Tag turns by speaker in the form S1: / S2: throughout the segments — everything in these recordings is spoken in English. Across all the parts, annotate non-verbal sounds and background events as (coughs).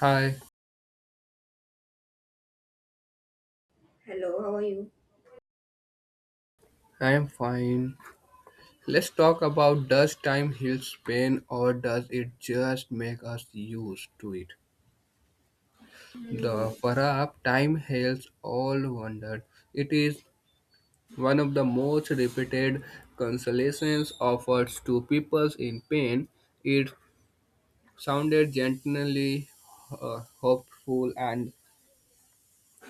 S1: Hi,
S2: Hello, how are you?
S1: I am fine. Let's talk about does time heal pain or does it just make us used to it?
S2: Hmm.
S1: The perhaps time heals all wonder. It is one of the most repeated consolations offered to people in pain. It sounded gently hopeful and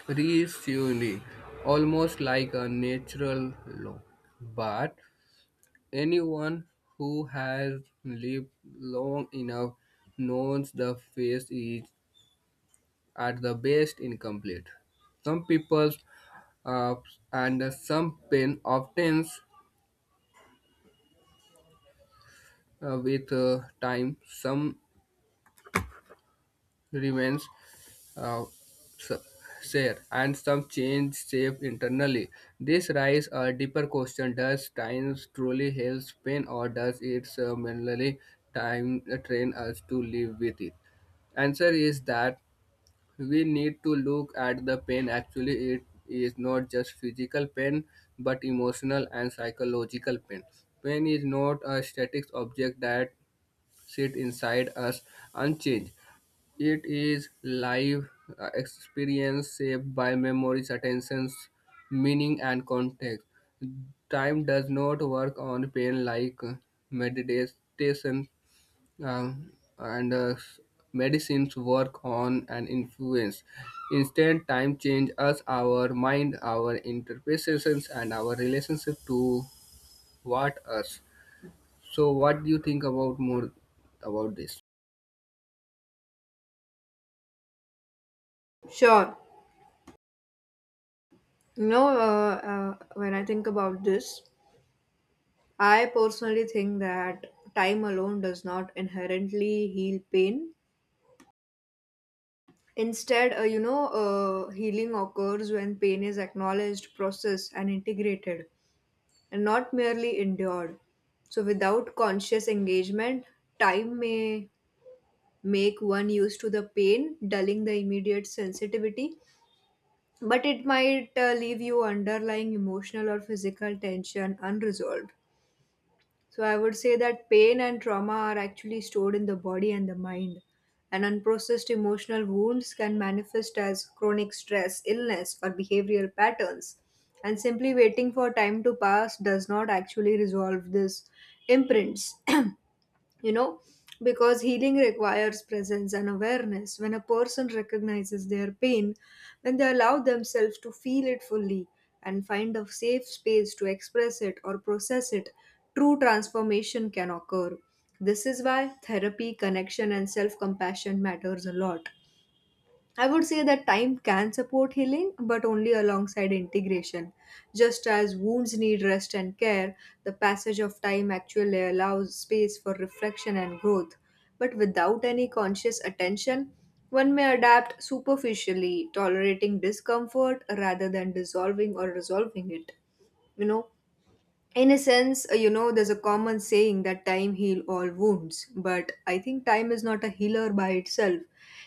S1: reassuring, almost like a natural law. But anyone who has lived long enough knows the phase is at the best incomplete. Some people uh, and some pain obtains with time, some remains uh, share and some change shape internally. This raises a deeper question: Does time truly heal pain, or does it merely time train us to live with it? Answer is that we need to look at the pain. Actually, it is not just physical pain, but emotional and psychological pain. Pain is not a static object that sit inside us unchanged. It is live experience shaped by memories, attentions, meaning, and context. Time does not work on pain like meditation um, and medicines work on an influence. Instead, time changes us, our mind, our interpretations, and our relationship to what us. So, what do you think about more about this?
S2: Sure. You know, uh, when I think about this, I personally think that time alone does not inherently heal pain. Instead, healing occurs when pain is acknowledged, processed, and integrated, and not merely endured. So, without conscious engagement, time may make one used to the pain, dulling the immediate sensitivity, but it might leave you underlying emotional or physical tension unresolved. So I would say that pain and trauma are actually stored in the body and the mind. And unprocessed emotional wounds can manifest as chronic stress, illness, or behavioral patterns. And simply waiting for time to pass does not actually resolve these imprints. (clears throat) you know because healing requires presence and awareness. When a person recognizes their pain, when they allow themselves to feel it fully and find a safe space to express it or process it, true transformation can occur. This is why therapy, connection, and self compassion matters a lot. I would say that time can support healing, but only alongside integration. Just as wounds need rest and care, the passage of time actually allows space for reflection and growth. But without any conscious attention, one may adapt superficially, tolerating discomfort rather than dissolving or resolving it. You know, in a sense, there's a common saying that time heals all wounds, but I think time is not a healer by itself.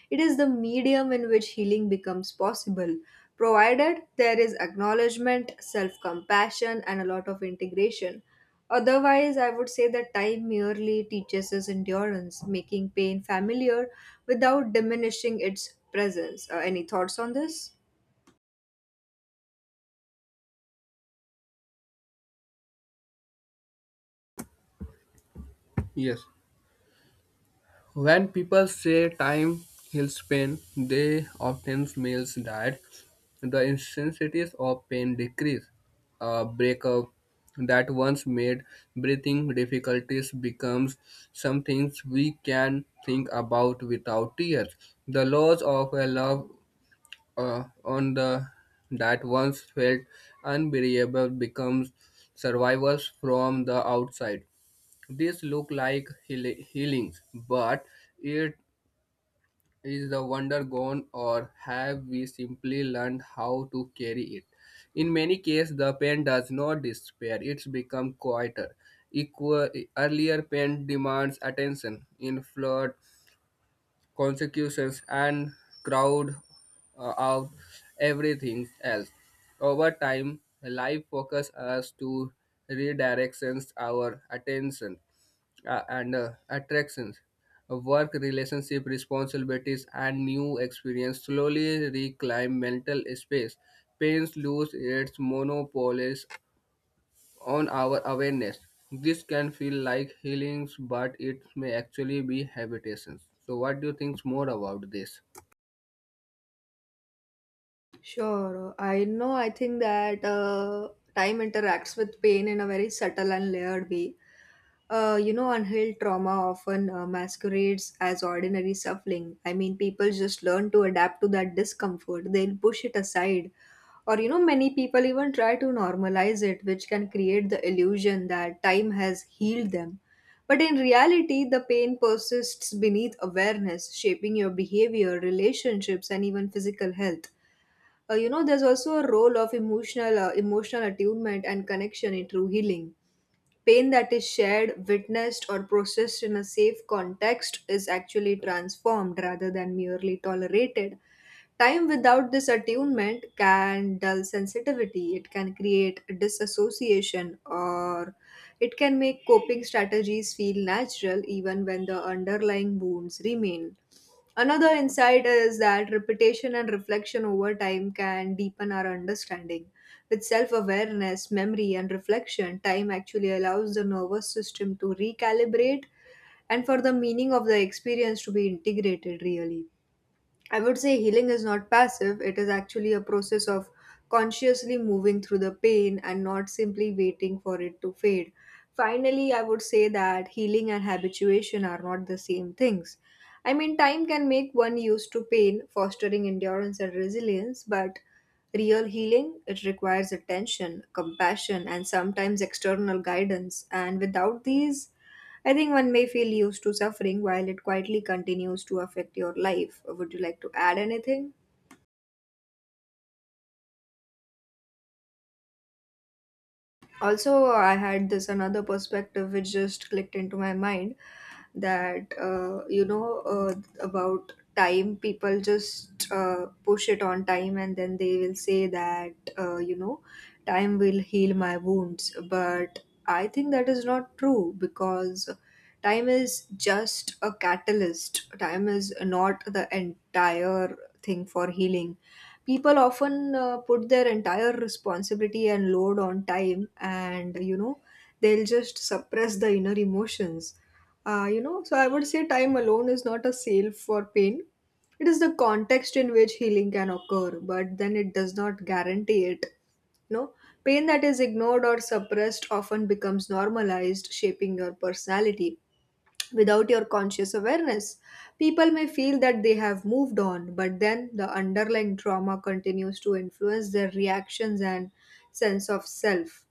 S2: It is the medium in which healing becomes possible, provided there is acknowledgement, self compassion, and a lot of integration. Otherwise, I would say that time merely teaches us endurance, making pain familiar without diminishing its presence. Any thoughts on this?
S1: Yes, when people say time heals pain, they often means that the intensities of pain decrease. A breakup that once made breathing difficulties becomes some things we can think about without tears. The loss of a love on the that once felt unbearable becomes survivors from the outside. This look like healings, but it is the wonder gone or have we simply learned how to carry it? In many cases, the pain does not disappear. It's become quieter. Equal, earlier pain demands attention in flood consequences and crowd out everything else. Over time, life focus us to redirections our attention and attractions, work relationship responsibilities and new experience slowly reclaim mental space. Pain lose its monopolies on our awareness. This can feel like healings, but it may actually be habitations. So, what do you think more about this?
S2: Sure. I know. I think that time interacts with pain in a very subtle and layered way. Unhealed trauma often masquerades as ordinary suffering. I mean, people just learn to adapt to that discomfort, they'll push it aside. Or, you know, many people even try to normalize it, which can create the illusion that time has healed them. But in reality, the pain persists beneath awareness, shaping your behavior, relationships, and even physical health. There's also a role of emotional emotional attunement and connection in true healing. Pain that is shared, witnessed, or processed in a safe context is actually transformed rather than merely tolerated. Time without this attunement can dull sensitivity, it can create disassociation, or it can make coping strategies feel natural even when the underlying wounds remain. Another insight is that repetition and reflection over time can deepen our understanding. With self awareness, memory, and reflection, time actually allows the nervous system to recalibrate and for the meaning of the experience to be integrated, really. I would say healing is not passive, it is actually a process of consciously moving through the pain and not simply waiting for it to fade. Finally, I would say that healing and habituation are not the same things. I mean, time can make one used to pain, fostering endurance and resilience, but real healing, it requires attention, compassion, and sometimes external guidance, and without these, I think one may feel used to suffering while it quietly continues to affect your life. Would you like to add anything? Also, I had this another perspective which just clicked into my mind, that about time, people just push it on time and then they will say that time will heal my wounds. But I think that is not true, because time is just a catalyst. Time is not the entire thing for healing. People often put their entire responsibility and load on time, and they'll just suppress the inner emotions. So I would say time alone is not a sale for pain. It is the context in which healing can occur, but then it does not guarantee it. you know Pain that is ignored or suppressed often becomes normalized, shaping your personality. Without your conscious awareness, people may feel that they have moved on, but then the underlying trauma continues to influence their reactions and sense of self.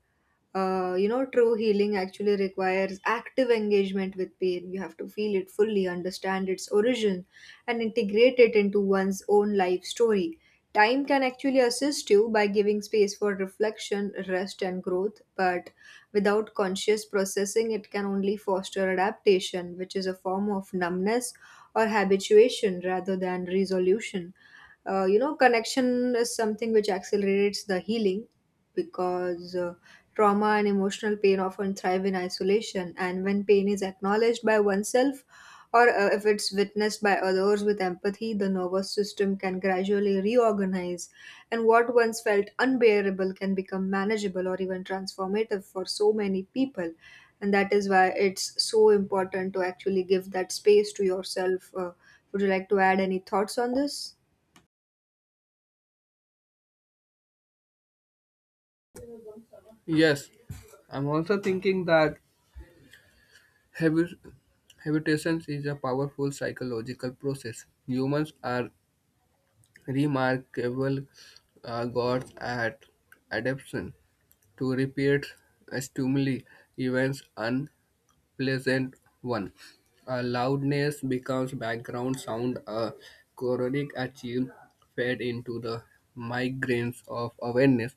S2: True healing actually requires active engagement with pain. You have to feel it fully, understand its origin, and integrate it into one's own life story. Time can actually assist you by giving space for reflection, rest, and growth, but without conscious processing, it can only foster adaptation, which is a form of numbness or habituation rather than resolution. Connection is something which accelerates the healing, because trauma and emotional pain often thrive in isolation, and when pain is acknowledged by oneself, or if it's witnessed by others with empathy, the nervous system can gradually reorganize, and what once felt unbearable can become manageable or even transformative for so many people. And that is why it's so important to actually give that space to yourself. Would you like to add any thoughts on this?
S1: Yes, I'm also thinking that habit- habitations is a powerful psychological process. Humans are remarkable gods at adaptation to repeat stimuli events and pleasant one. A loudness becomes background sound, a chronic achieve fed into the migraines of awareness.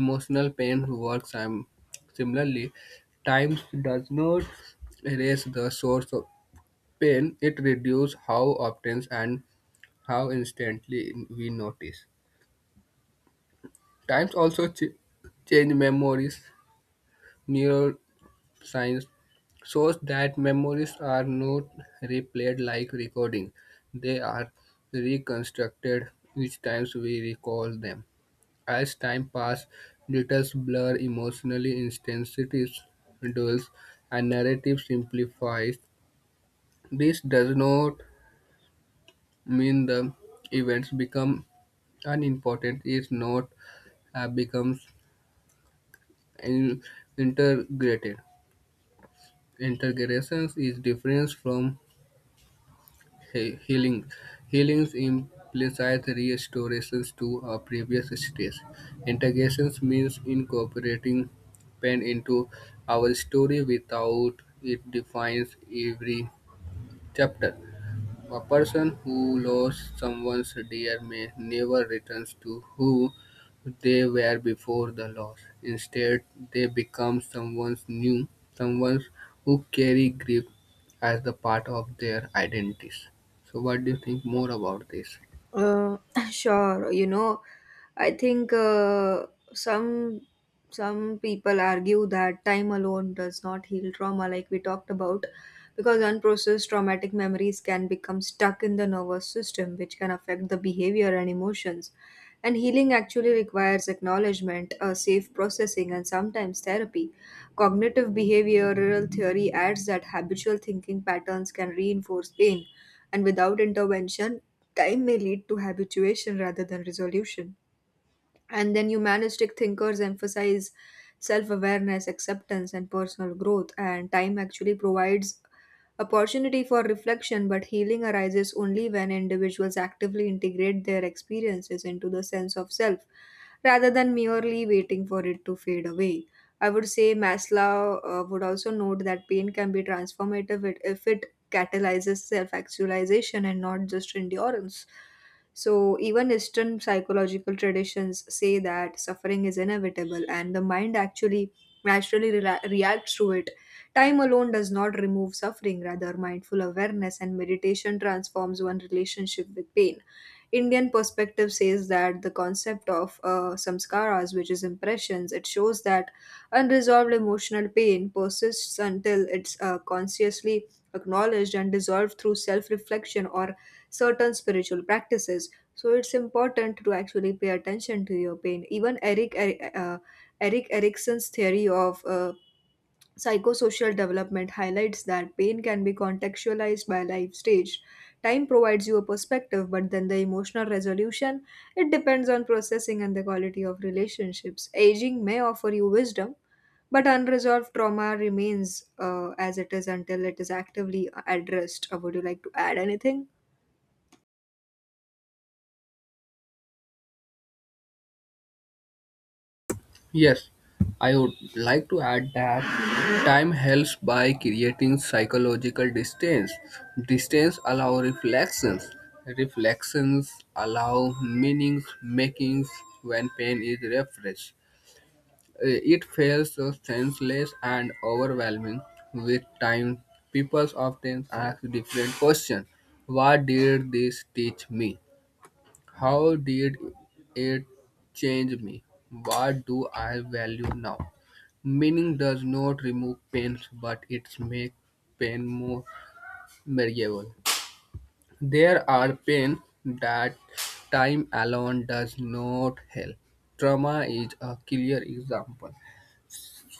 S1: Emotional pain works similarly. Time does not erase the source of pain, it reduces how often and how instantly we notice. Times also change memories. Science shows that memories are not replayed like recording, they are reconstructed each time we recall them. As time passes, details blur, emotional intensities dulls, and narrative simplifies. This does not mean the events become unimportant, it not becomes in- integrated. Integration is different from healing. Healings implies restorations to a previous state. Integrations means incorporating pain into our story without it defines every chapter. A person who lost someone's dear may never return to who they were before the loss. Instead, they become someone new, someone who carry grief as the part of their identities. So, what do you think more about this?
S2: Uh, (laughs) sure, I think some some people argue that time alone does not heal trauma, like we talked about, because unprocessed traumatic memories can become stuck in the nervous system, which can affect the behavior and emotions. And healing actually requires acknowledgement, a safe processing, and sometimes therapy. Cognitive behavioral theory adds that habitual thinking patterns can reinforce pain, and without intervention, time may lead to habituation rather than resolution. And then humanistic thinkers emphasize self awareness, acceptance, and personal growth. And time actually provides opportunity for reflection, but healing arises only when individuals actively integrate their experiences into the sense of self rather than merely waiting for it to fade away. I would say Maslow would also note that pain can be transformative if it catalyzes self actualization and not just endurance. So, even Eastern psychological traditions say that suffering is inevitable and the mind actually naturally rela reacts to it. Time alone does not remove suffering, rather, mindful awareness and meditation transforms one relationship with pain. Indian perspective says that the concept of samskaras, which is impressions, it shows that unresolved emotional pain persists until it's consciously acknowledged and dissolved through self-reflection or certain spiritual practices. So it's important to actually pay attention to your pain. Even Eric Erickson's theory of psychosocial development highlights that pain can be contextualized by life stage. Time provides you a perspective, but then the emotional resolution, it depends on processing and the quality of relationships. Aging may offer you wisdom, but unresolved trauma remains as it is until it is actively addressed. Would you like to add anything?
S1: Yes, I would like to add that time helps by creating psychological distance. Distance allows reflections. Reflections allow meanings makings when pain is refreshed. Uh, It feels so senseless and overwhelming. With time, people often ask different questions. What did this teach me? How did it change me? What do I value now? Meaning does not remove pains, but it makes pain more manageable. There are pain that time alone does not help. Trauma is a clear example.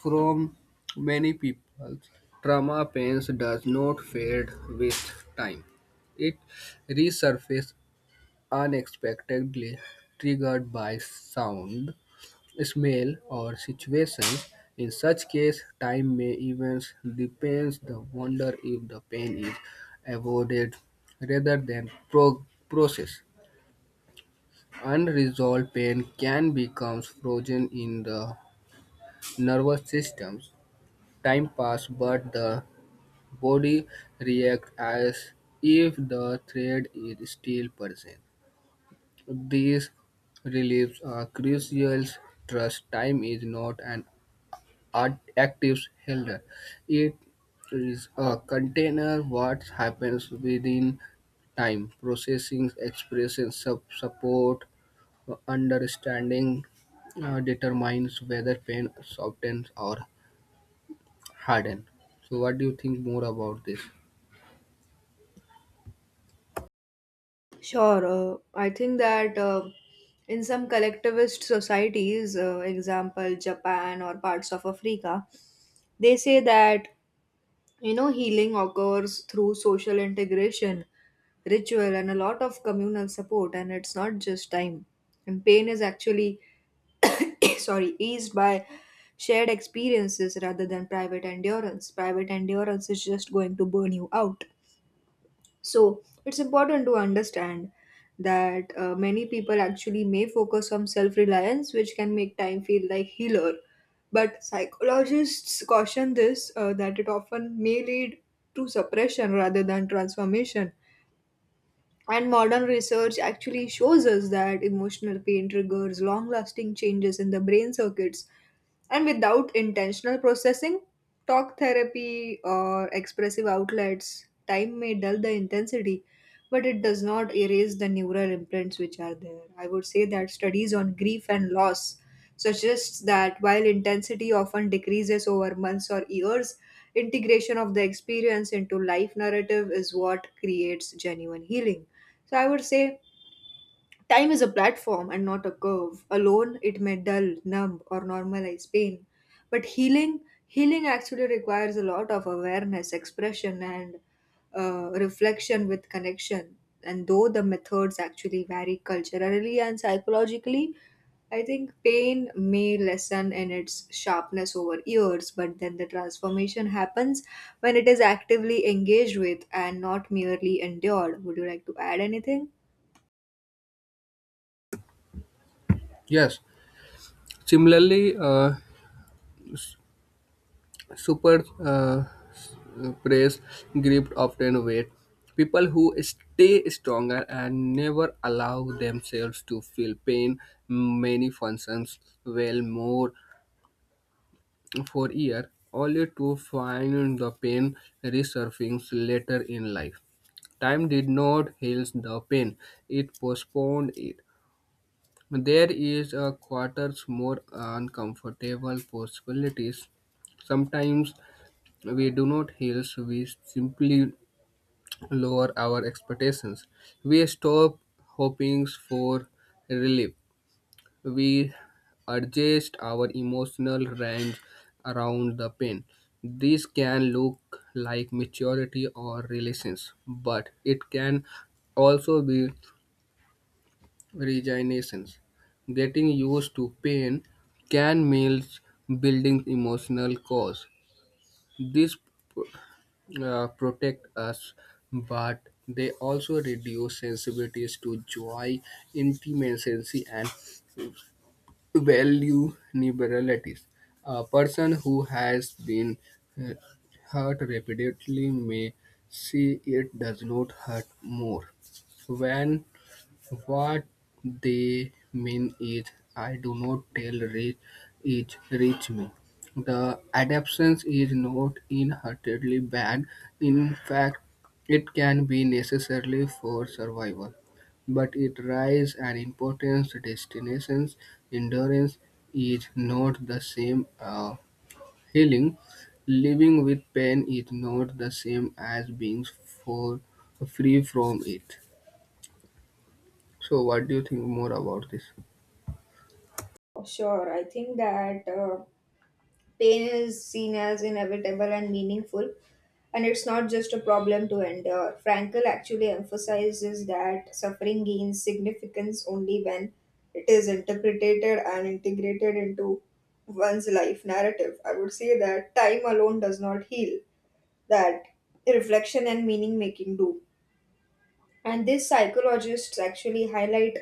S1: From many people, trauma pains does not fade with time. It resurfaces unexpectedly triggered by sound, smell, or situation. In such case, time may even depends the wonder if the pain is avoided rather than processed. Unresolved pain can become frozen in the nervous system. Time pass, but the body reacts as if the threat is still present. These reliefs are crucial trust time is not an active holder. It is a container what happens within time, processing, expression, support, understanding determines whether pain softens or hardens. So what do you think more about this?
S2: Sure. I think that in some collectivist societies, example Japan or parts of Africa, they say that healing occurs through social integration, ritual, and a lot of communal support, and it's not just time. And pain is actually, (coughs) sorry, eased by shared experiences rather than private endurance. Private endurance is just going to burn you out. So, it's important to understand that many people actually may focus on self reliance, which can make time feel like healer, but psychologists caution this that it often may lead to suppression rather than transformation. And modern research actually shows us that emotional pain triggers long lasting changes in the brain circuits. And without intentional processing, talk therapy or expressive outlets, time may dull the intensity, but it does not erase the neural imprints which are there. I would say that studies on grief and loss suggests that while intensity often decreases over months or years, integration of the experience into life narrative is what creates genuine healing. So I would say time is a platform and not a curve. Alone, it may dull, numb, or normalize pain. But healing actually requires a lot of awareness, expression, and reflection with connection. And though the methods actually vary culturally and psychologically, I think pain may lessen in its sharpness over years, but then the transformation happens when it is actively engaged with and not merely endured. Would you like to add anything?
S1: Yes. Similarly, super praise gripped often weight. People who stay stronger and never allow themselves to feel pain many functions well more for year only to find the pain resurfacing later in life. Time did not heal the pain, it postponed it. There is a quarters more uncomfortable possibilities sometimes we do not heal, so we simply lower our expectations. We stop hoping for relief. We adjust our emotional range around the pain. This can look like maturity or relations, but it can also be resignation. Getting used to pain can mean building emotional cause. This protect us, but they also reduce sensibilities to joy, intimacy, and vulnerabilities. A person who has been uh, hurt repeatedly may see it does not hurt more. When what they mean is, I do not tell reach is reach me. The adaptation is not inherently bad. In fact, it can be necessary for survival. But it rise and importance destinations endurance is not the same healing. Living with pain is not the same as being for free from it. So, what do you think more about this?
S2: Sure, I think that pain is seen as inevitable and meaningful, and it's not just a problem to endure. Frankl actually emphasizes that suffering gains significance only when it is interpreted and integrated into one's life narrative. I would say that time alone does not heal, that reflection and meaning making do. And these psychologists actually highlight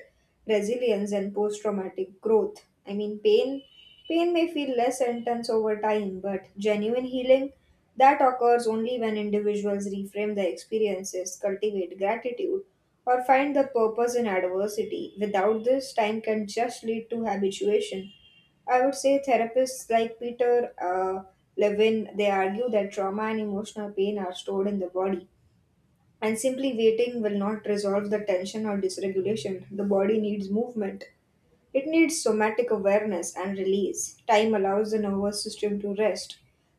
S2: resilience and post traumatic growth. I mean, pain may feel less intense over time, but genuine healing, that occurs only when individuals reframe their experiences, cultivate gratitude, or find the purpose in adversity. Without this, time can just lead to habituation. I would say therapists like Peter Levin, they argue that trauma and emotional pain are stored in the body and simply waiting will not resolve the tension or dysregulation. The body needs movement. It needs somatic awareness and release. Time allows the nervous system to rest.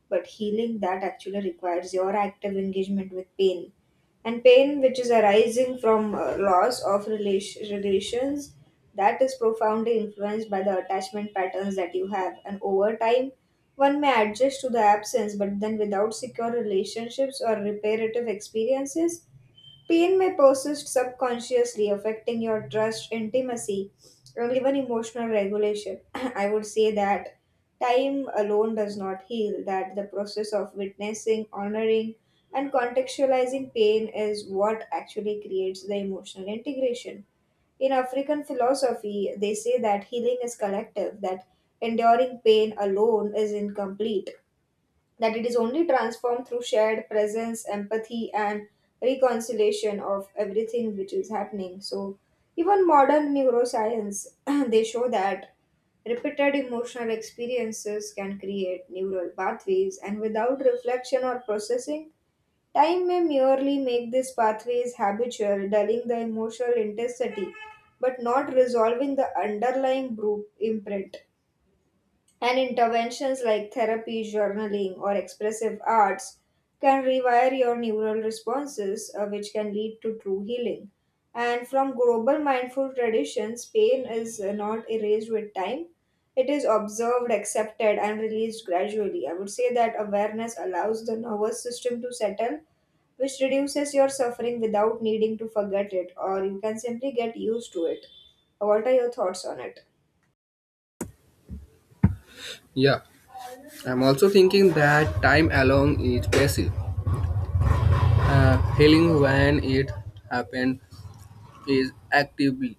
S2: But healing that actually requires your active engagement with pain. And pain, which is arising from loss of relations, that is profoundly influenced by the attachment patterns that you have. And over time, one may adjust to the absence, but then without secure relationships or reparative experiences, pain may persist subconsciously, affecting your trust, intimacy, and even emotional regulation. (clears throat) I would say that time alone does not heal, that the process of witnessing, honoring, and contextualizing pain is what actually creates the emotional integration. In African philosophy, they say that healing is collective, that enduring pain alone is incomplete, that it is only transformed through shared presence, empathy, and reconciliation of everything which is happening. So, even modern neuroscience (clears throat) they show that repeated emotional experiences can create neural pathways, and without reflection or processing, time may merely make these pathways habitual, dulling the emotional intensity, but not resolving the underlying imprint. And interventions like therapy, journaling, or expressive arts can rewire your neural responses, which can lead to true healing. And from global mindful traditions, pain is not erased with time. It is observed, accepted, and released gradually. I would say that awareness allows the nervous system to settle, which reduces your suffering without needing to forget it, or you can simply get used to it. What are your thoughts on it?
S1: Yeah, I'm also thinking that time alone is passive. Healing when it happens is actively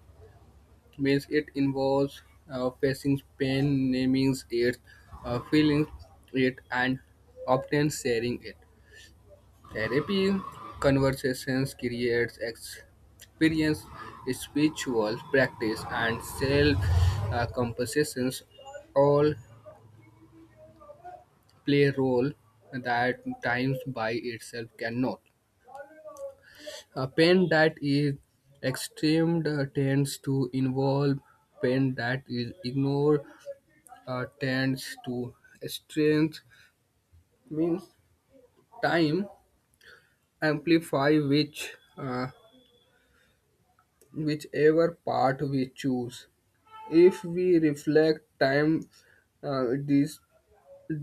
S1: means it involves facing pain, naming it, feeling it, and often sharing it. Therapy conversations creates experience, spiritual practice, and self compositions all play a role that times by itself cannot. A pain that is extreme tends to involve pain that is ignored tends to strength means time amplify which whichever part we choose. If we reflect time, this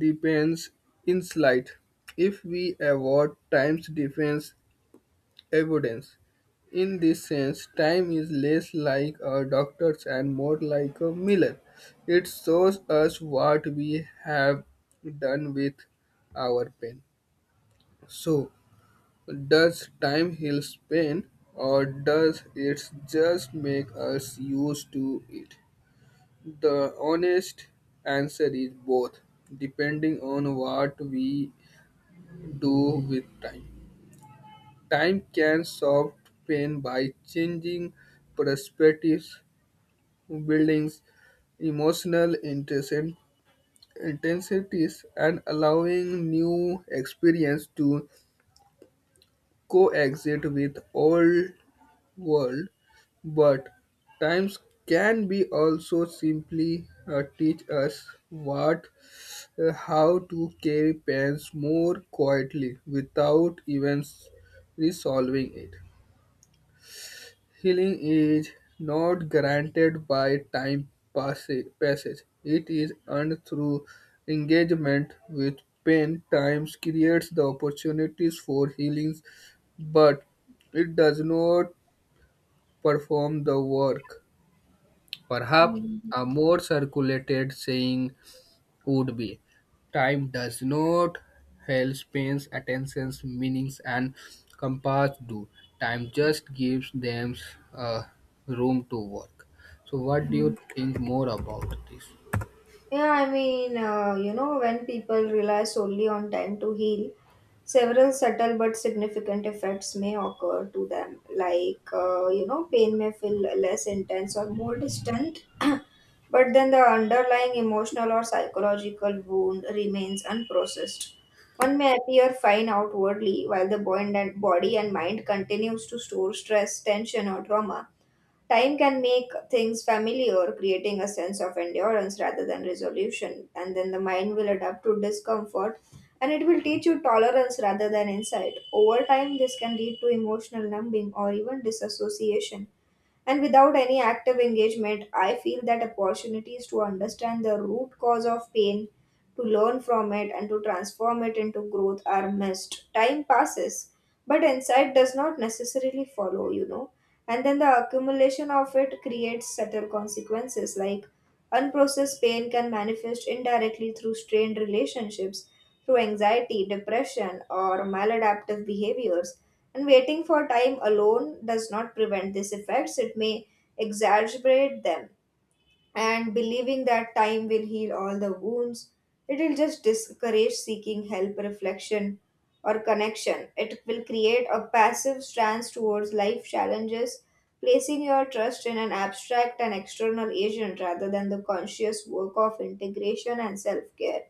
S1: depends in slight. If we avoid time's defense, evidence. In this sense, time is less like a doctor's and more like a mirror. It shows us what we have done with our pain. So, does time heal pain or does it just make us used to it? The honest answer is both, depending on what we do with time. Time can solve pain by changing perspectives, building emotional intensities, and allowing new experience to coexist with old world. But times can be also simply teach us what how to carry pains more quietly without even resolving it. Healing is not granted by time passage. It is earned through engagement with pain. Time creates the opportunities for healings, but it does not perform the work. Perhaps a more circulated saying would be. Time does not help pains attentions, meanings, and compass do. Time just gives them uh, room to work. So, what do
S2: Hmm.
S1: you think more about this?
S2: Yeah, I mean, you know, when people rely solely on time to heal, several subtle but significant effects may occur to them. Like, you know, pain may feel less intense or more distant, (clears throat) but then the underlying emotional or psychological wound remains unprocessed. One may appear fine outwardly while the body and mind continues to store stress, tension, or trauma. Time can make things familiar, creating a sense of endurance rather than resolution, and then the mind will adapt to discomfort and it will teach you tolerance rather than insight. Over time, this can lead to emotional numbing or even disassociation, and without any active engagement, I feel that opportunities to understand the root cause of pain, to learn from it, and to transform it into growth are missed. Time passes, but insight does not necessarily follow, you know. And then the accumulation of it creates subtle consequences like unprocessed pain can manifest indirectly through strained relationships, through anxiety, depression, or maladaptive behaviors. And waiting for time alone does not prevent these effects, it may exacerbate them, and believing that time will heal all the wounds. It will just discourage seeking help, reflection, or connection. It will create a passive stance towards life challenges, placing your trust in an abstract and external agent rather than the conscious work of integration and self care.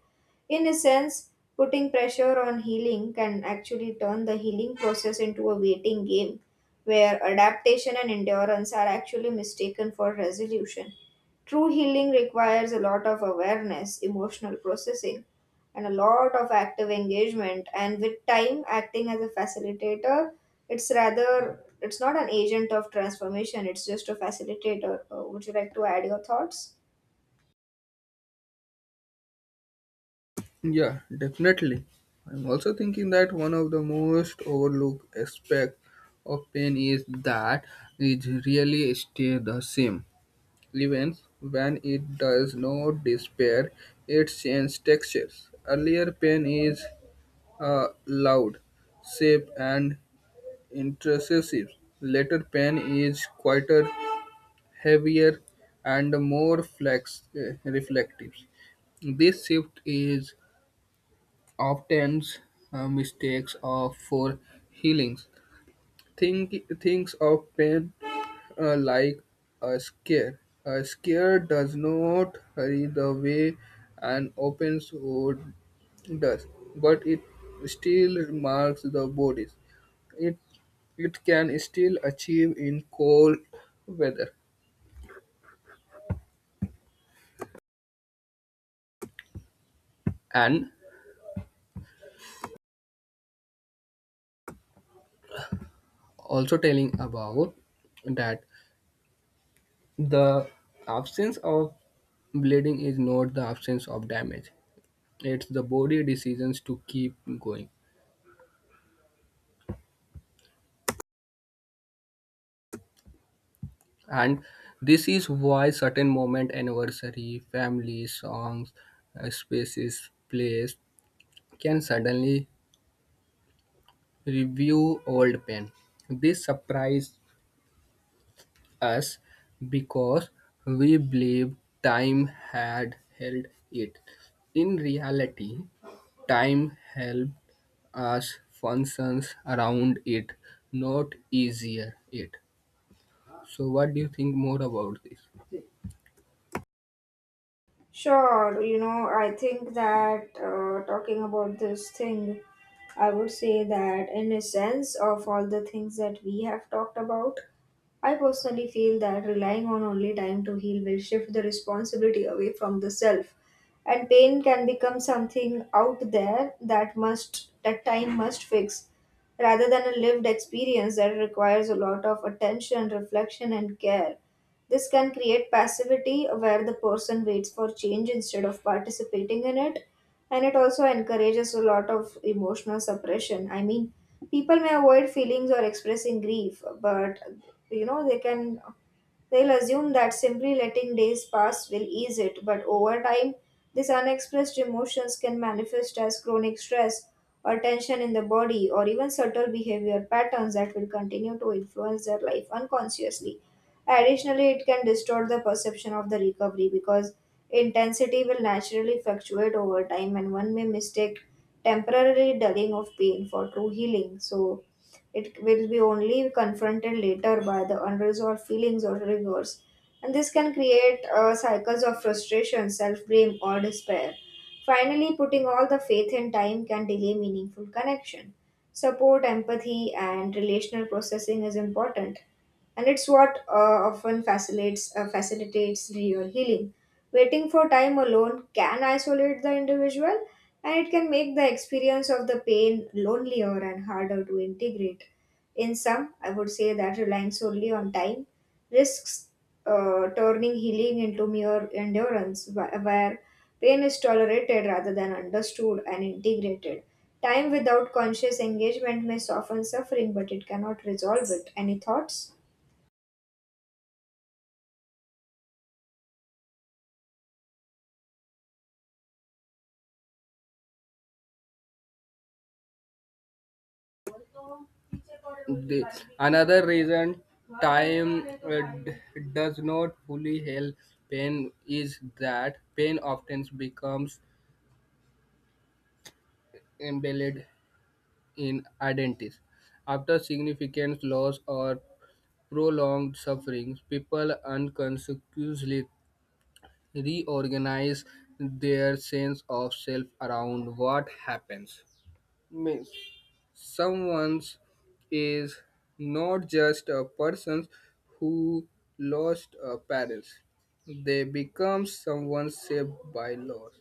S2: In a sense, putting pressure on healing can actually turn the healing process into a waiting game where adaptation and endurance are actually mistaken for resolution. True healing requires a lot of awareness, emotional processing, and a lot of active engagement. And with time, acting as a facilitator, it's not an agent of transformation, it's just a facilitator. Would you like to add your thoughts?
S1: Yeah, definitely. I'm also thinking that one of the most overlooked aspect of pain is that it really stays the same. Even when it does not disappear, it changes textures. Earlier pain is loud, safe, and intrusive. Later pen is quieter, heavier, and more reflective. This shift is often mistakes of for healings. Think thinks of pain like a scare. A scare does not hurry the way an open sword does, but it still marks the bodies. It it can still achieve in cold weather. And also telling about that the absence of bleeding is not the absence of damage. It's the body decisions to keep going. And this is why certain moment anniversary, family, songs, spaces, place can suddenly review old pain. This surprise us because we believed time had held it. In reality, time helped us functions around it, not easier it. So what do you think more about this?
S2: Sure, you know, I think that talking about this thing, I would say that in a sense of all the things that we have talked about, I personally feel that relying on only time to heal will shift the responsibility away from the self. And pain can become something out there that time must fix rather than a lived experience that requires a lot of attention, reflection and care. This can create passivity where the person waits for change instead of participating in it. And it also encourages a lot of emotional suppression. I mean, people may avoid feelings or expressing grief, but you know, they'll assume that simply letting days pass will ease it, but over time, these unexpressed emotions can manifest as chronic stress or tension in the body or even subtle behavior patterns that will continue to influence their life unconsciously. Additionally, it can distort the perception of the recovery because intensity will naturally fluctuate over time, and one may mistake temporary dulling of pain for true healing. So, it will be only confronted later by the unresolved feelings or triggers. And this can create cycles of frustration, self blame, or despair. Finally, putting all the faith in time can delay meaningful connection. Support, empathy, and relational processing is important, and it's what often facilitates real healing. Waiting for time alone can isolate the individual, and it can make the experience of the pain lonelier and harder to integrate. In sum, I would say that relying solely on time risks turning healing into mere endurance, where pain is tolerated rather than understood and integrated. Time without conscious engagement may soften suffering, but it cannot resolve it. Any thoughts?
S1: The another reason time does not fully heal pain is that pain often becomes embedded in identities after significant loss or prolonged sufferings, people unconsciously reorganize their sense of self around what happens. Means someone is not just a person who lost a parent. They become someone shaped by loss.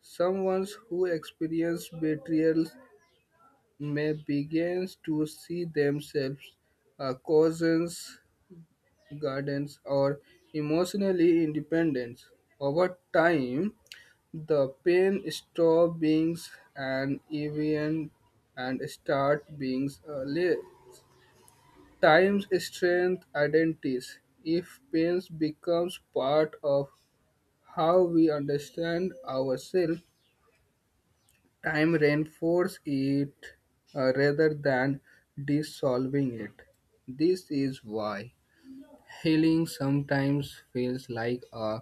S1: Someone who experiences betrayal may begin to see themselves as cousins gardens or emotionally independent. Over time, the pain stop being an event and start being a time's strength identities. If pain becomes part of how we understand ourselves, time reinforces it rather than dissolving it. This is why healing sometimes feels like a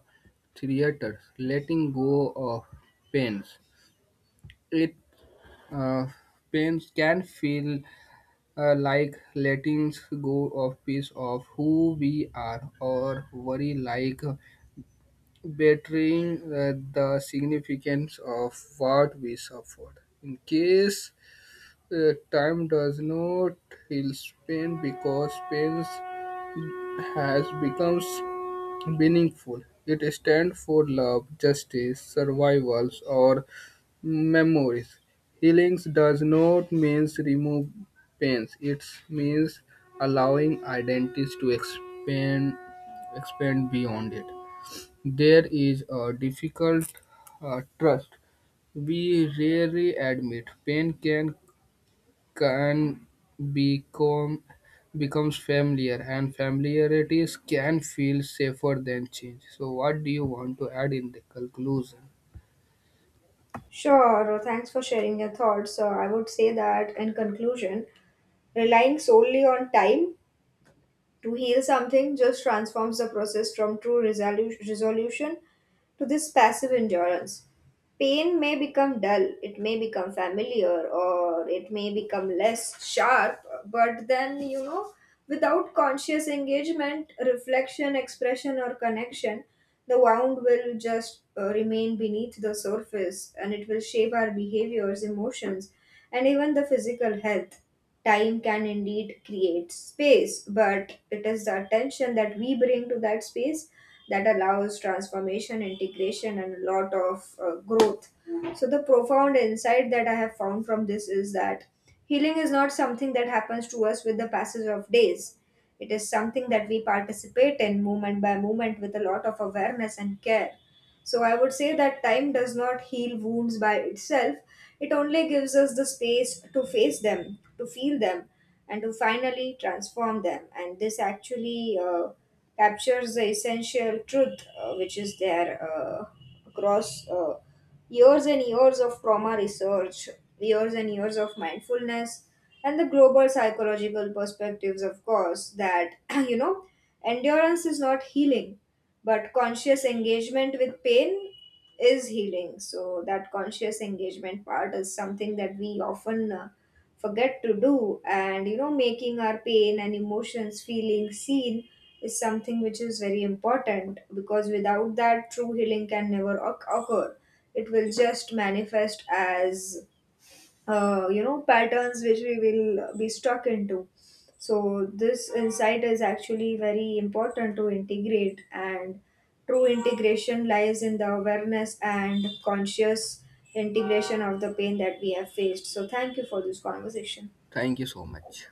S1: theater, letting go of pains. It uh, pains can feel like letting go of piece of who we are, or worry like betraying the significance of what we suffered. In case time does not heal pain because pain has become meaningful. It stands for love, justice, survivals, or memories. Healing does not means remove pains. It means allowing identities to expand, expand beyond it. There is a difficult trust. We rarely admit pain can become becomes familiar and familiarities can feel safer than change. So what do you want to add in the conclusion?
S2: Sure, thanks for sharing your thoughts. So I would say that in conclusion, relying solely on time to heal something just transforms the process from true resolution to this passive endurance. Pain may become dull, it may become familiar, or it may become less sharp, but then, you know, without conscious engagement, reflection, expression, or connection, the wound will just remain beneath the surface and it will shape our behaviors, emotions, and even the physical health. Time can indeed create space, but it is the attention that we bring to that space that allows transformation, integration, and a lot of growth. So, the profound insight that I have found from this is that healing is not something that happens to us with the passage of days. It is something that we participate in moment by moment with a lot of awareness and care. So I would say that time does not heal wounds by itself. It only gives us the space to face them, to feel them, and to finally transform them. And this actually captures the essential truth which is there across years and years of trauma research, years and years of mindfulness, and the global psychological perspectives, of course, that, (clears throat) you know, endurance is not healing but conscious engagement with pain is healing. So that conscious engagement part is something that we often forget to do. And you know, making our pain and emotions feeling seen is something which is very important, because without that true healing can never occur. It will just manifest as you know, patterns which we will be stuck into. So this insight is actually very important to integrate, and true integration lies in the awareness and conscious integration of the pain that we have faced. So thank you for this conversation.
S1: Thank you so much.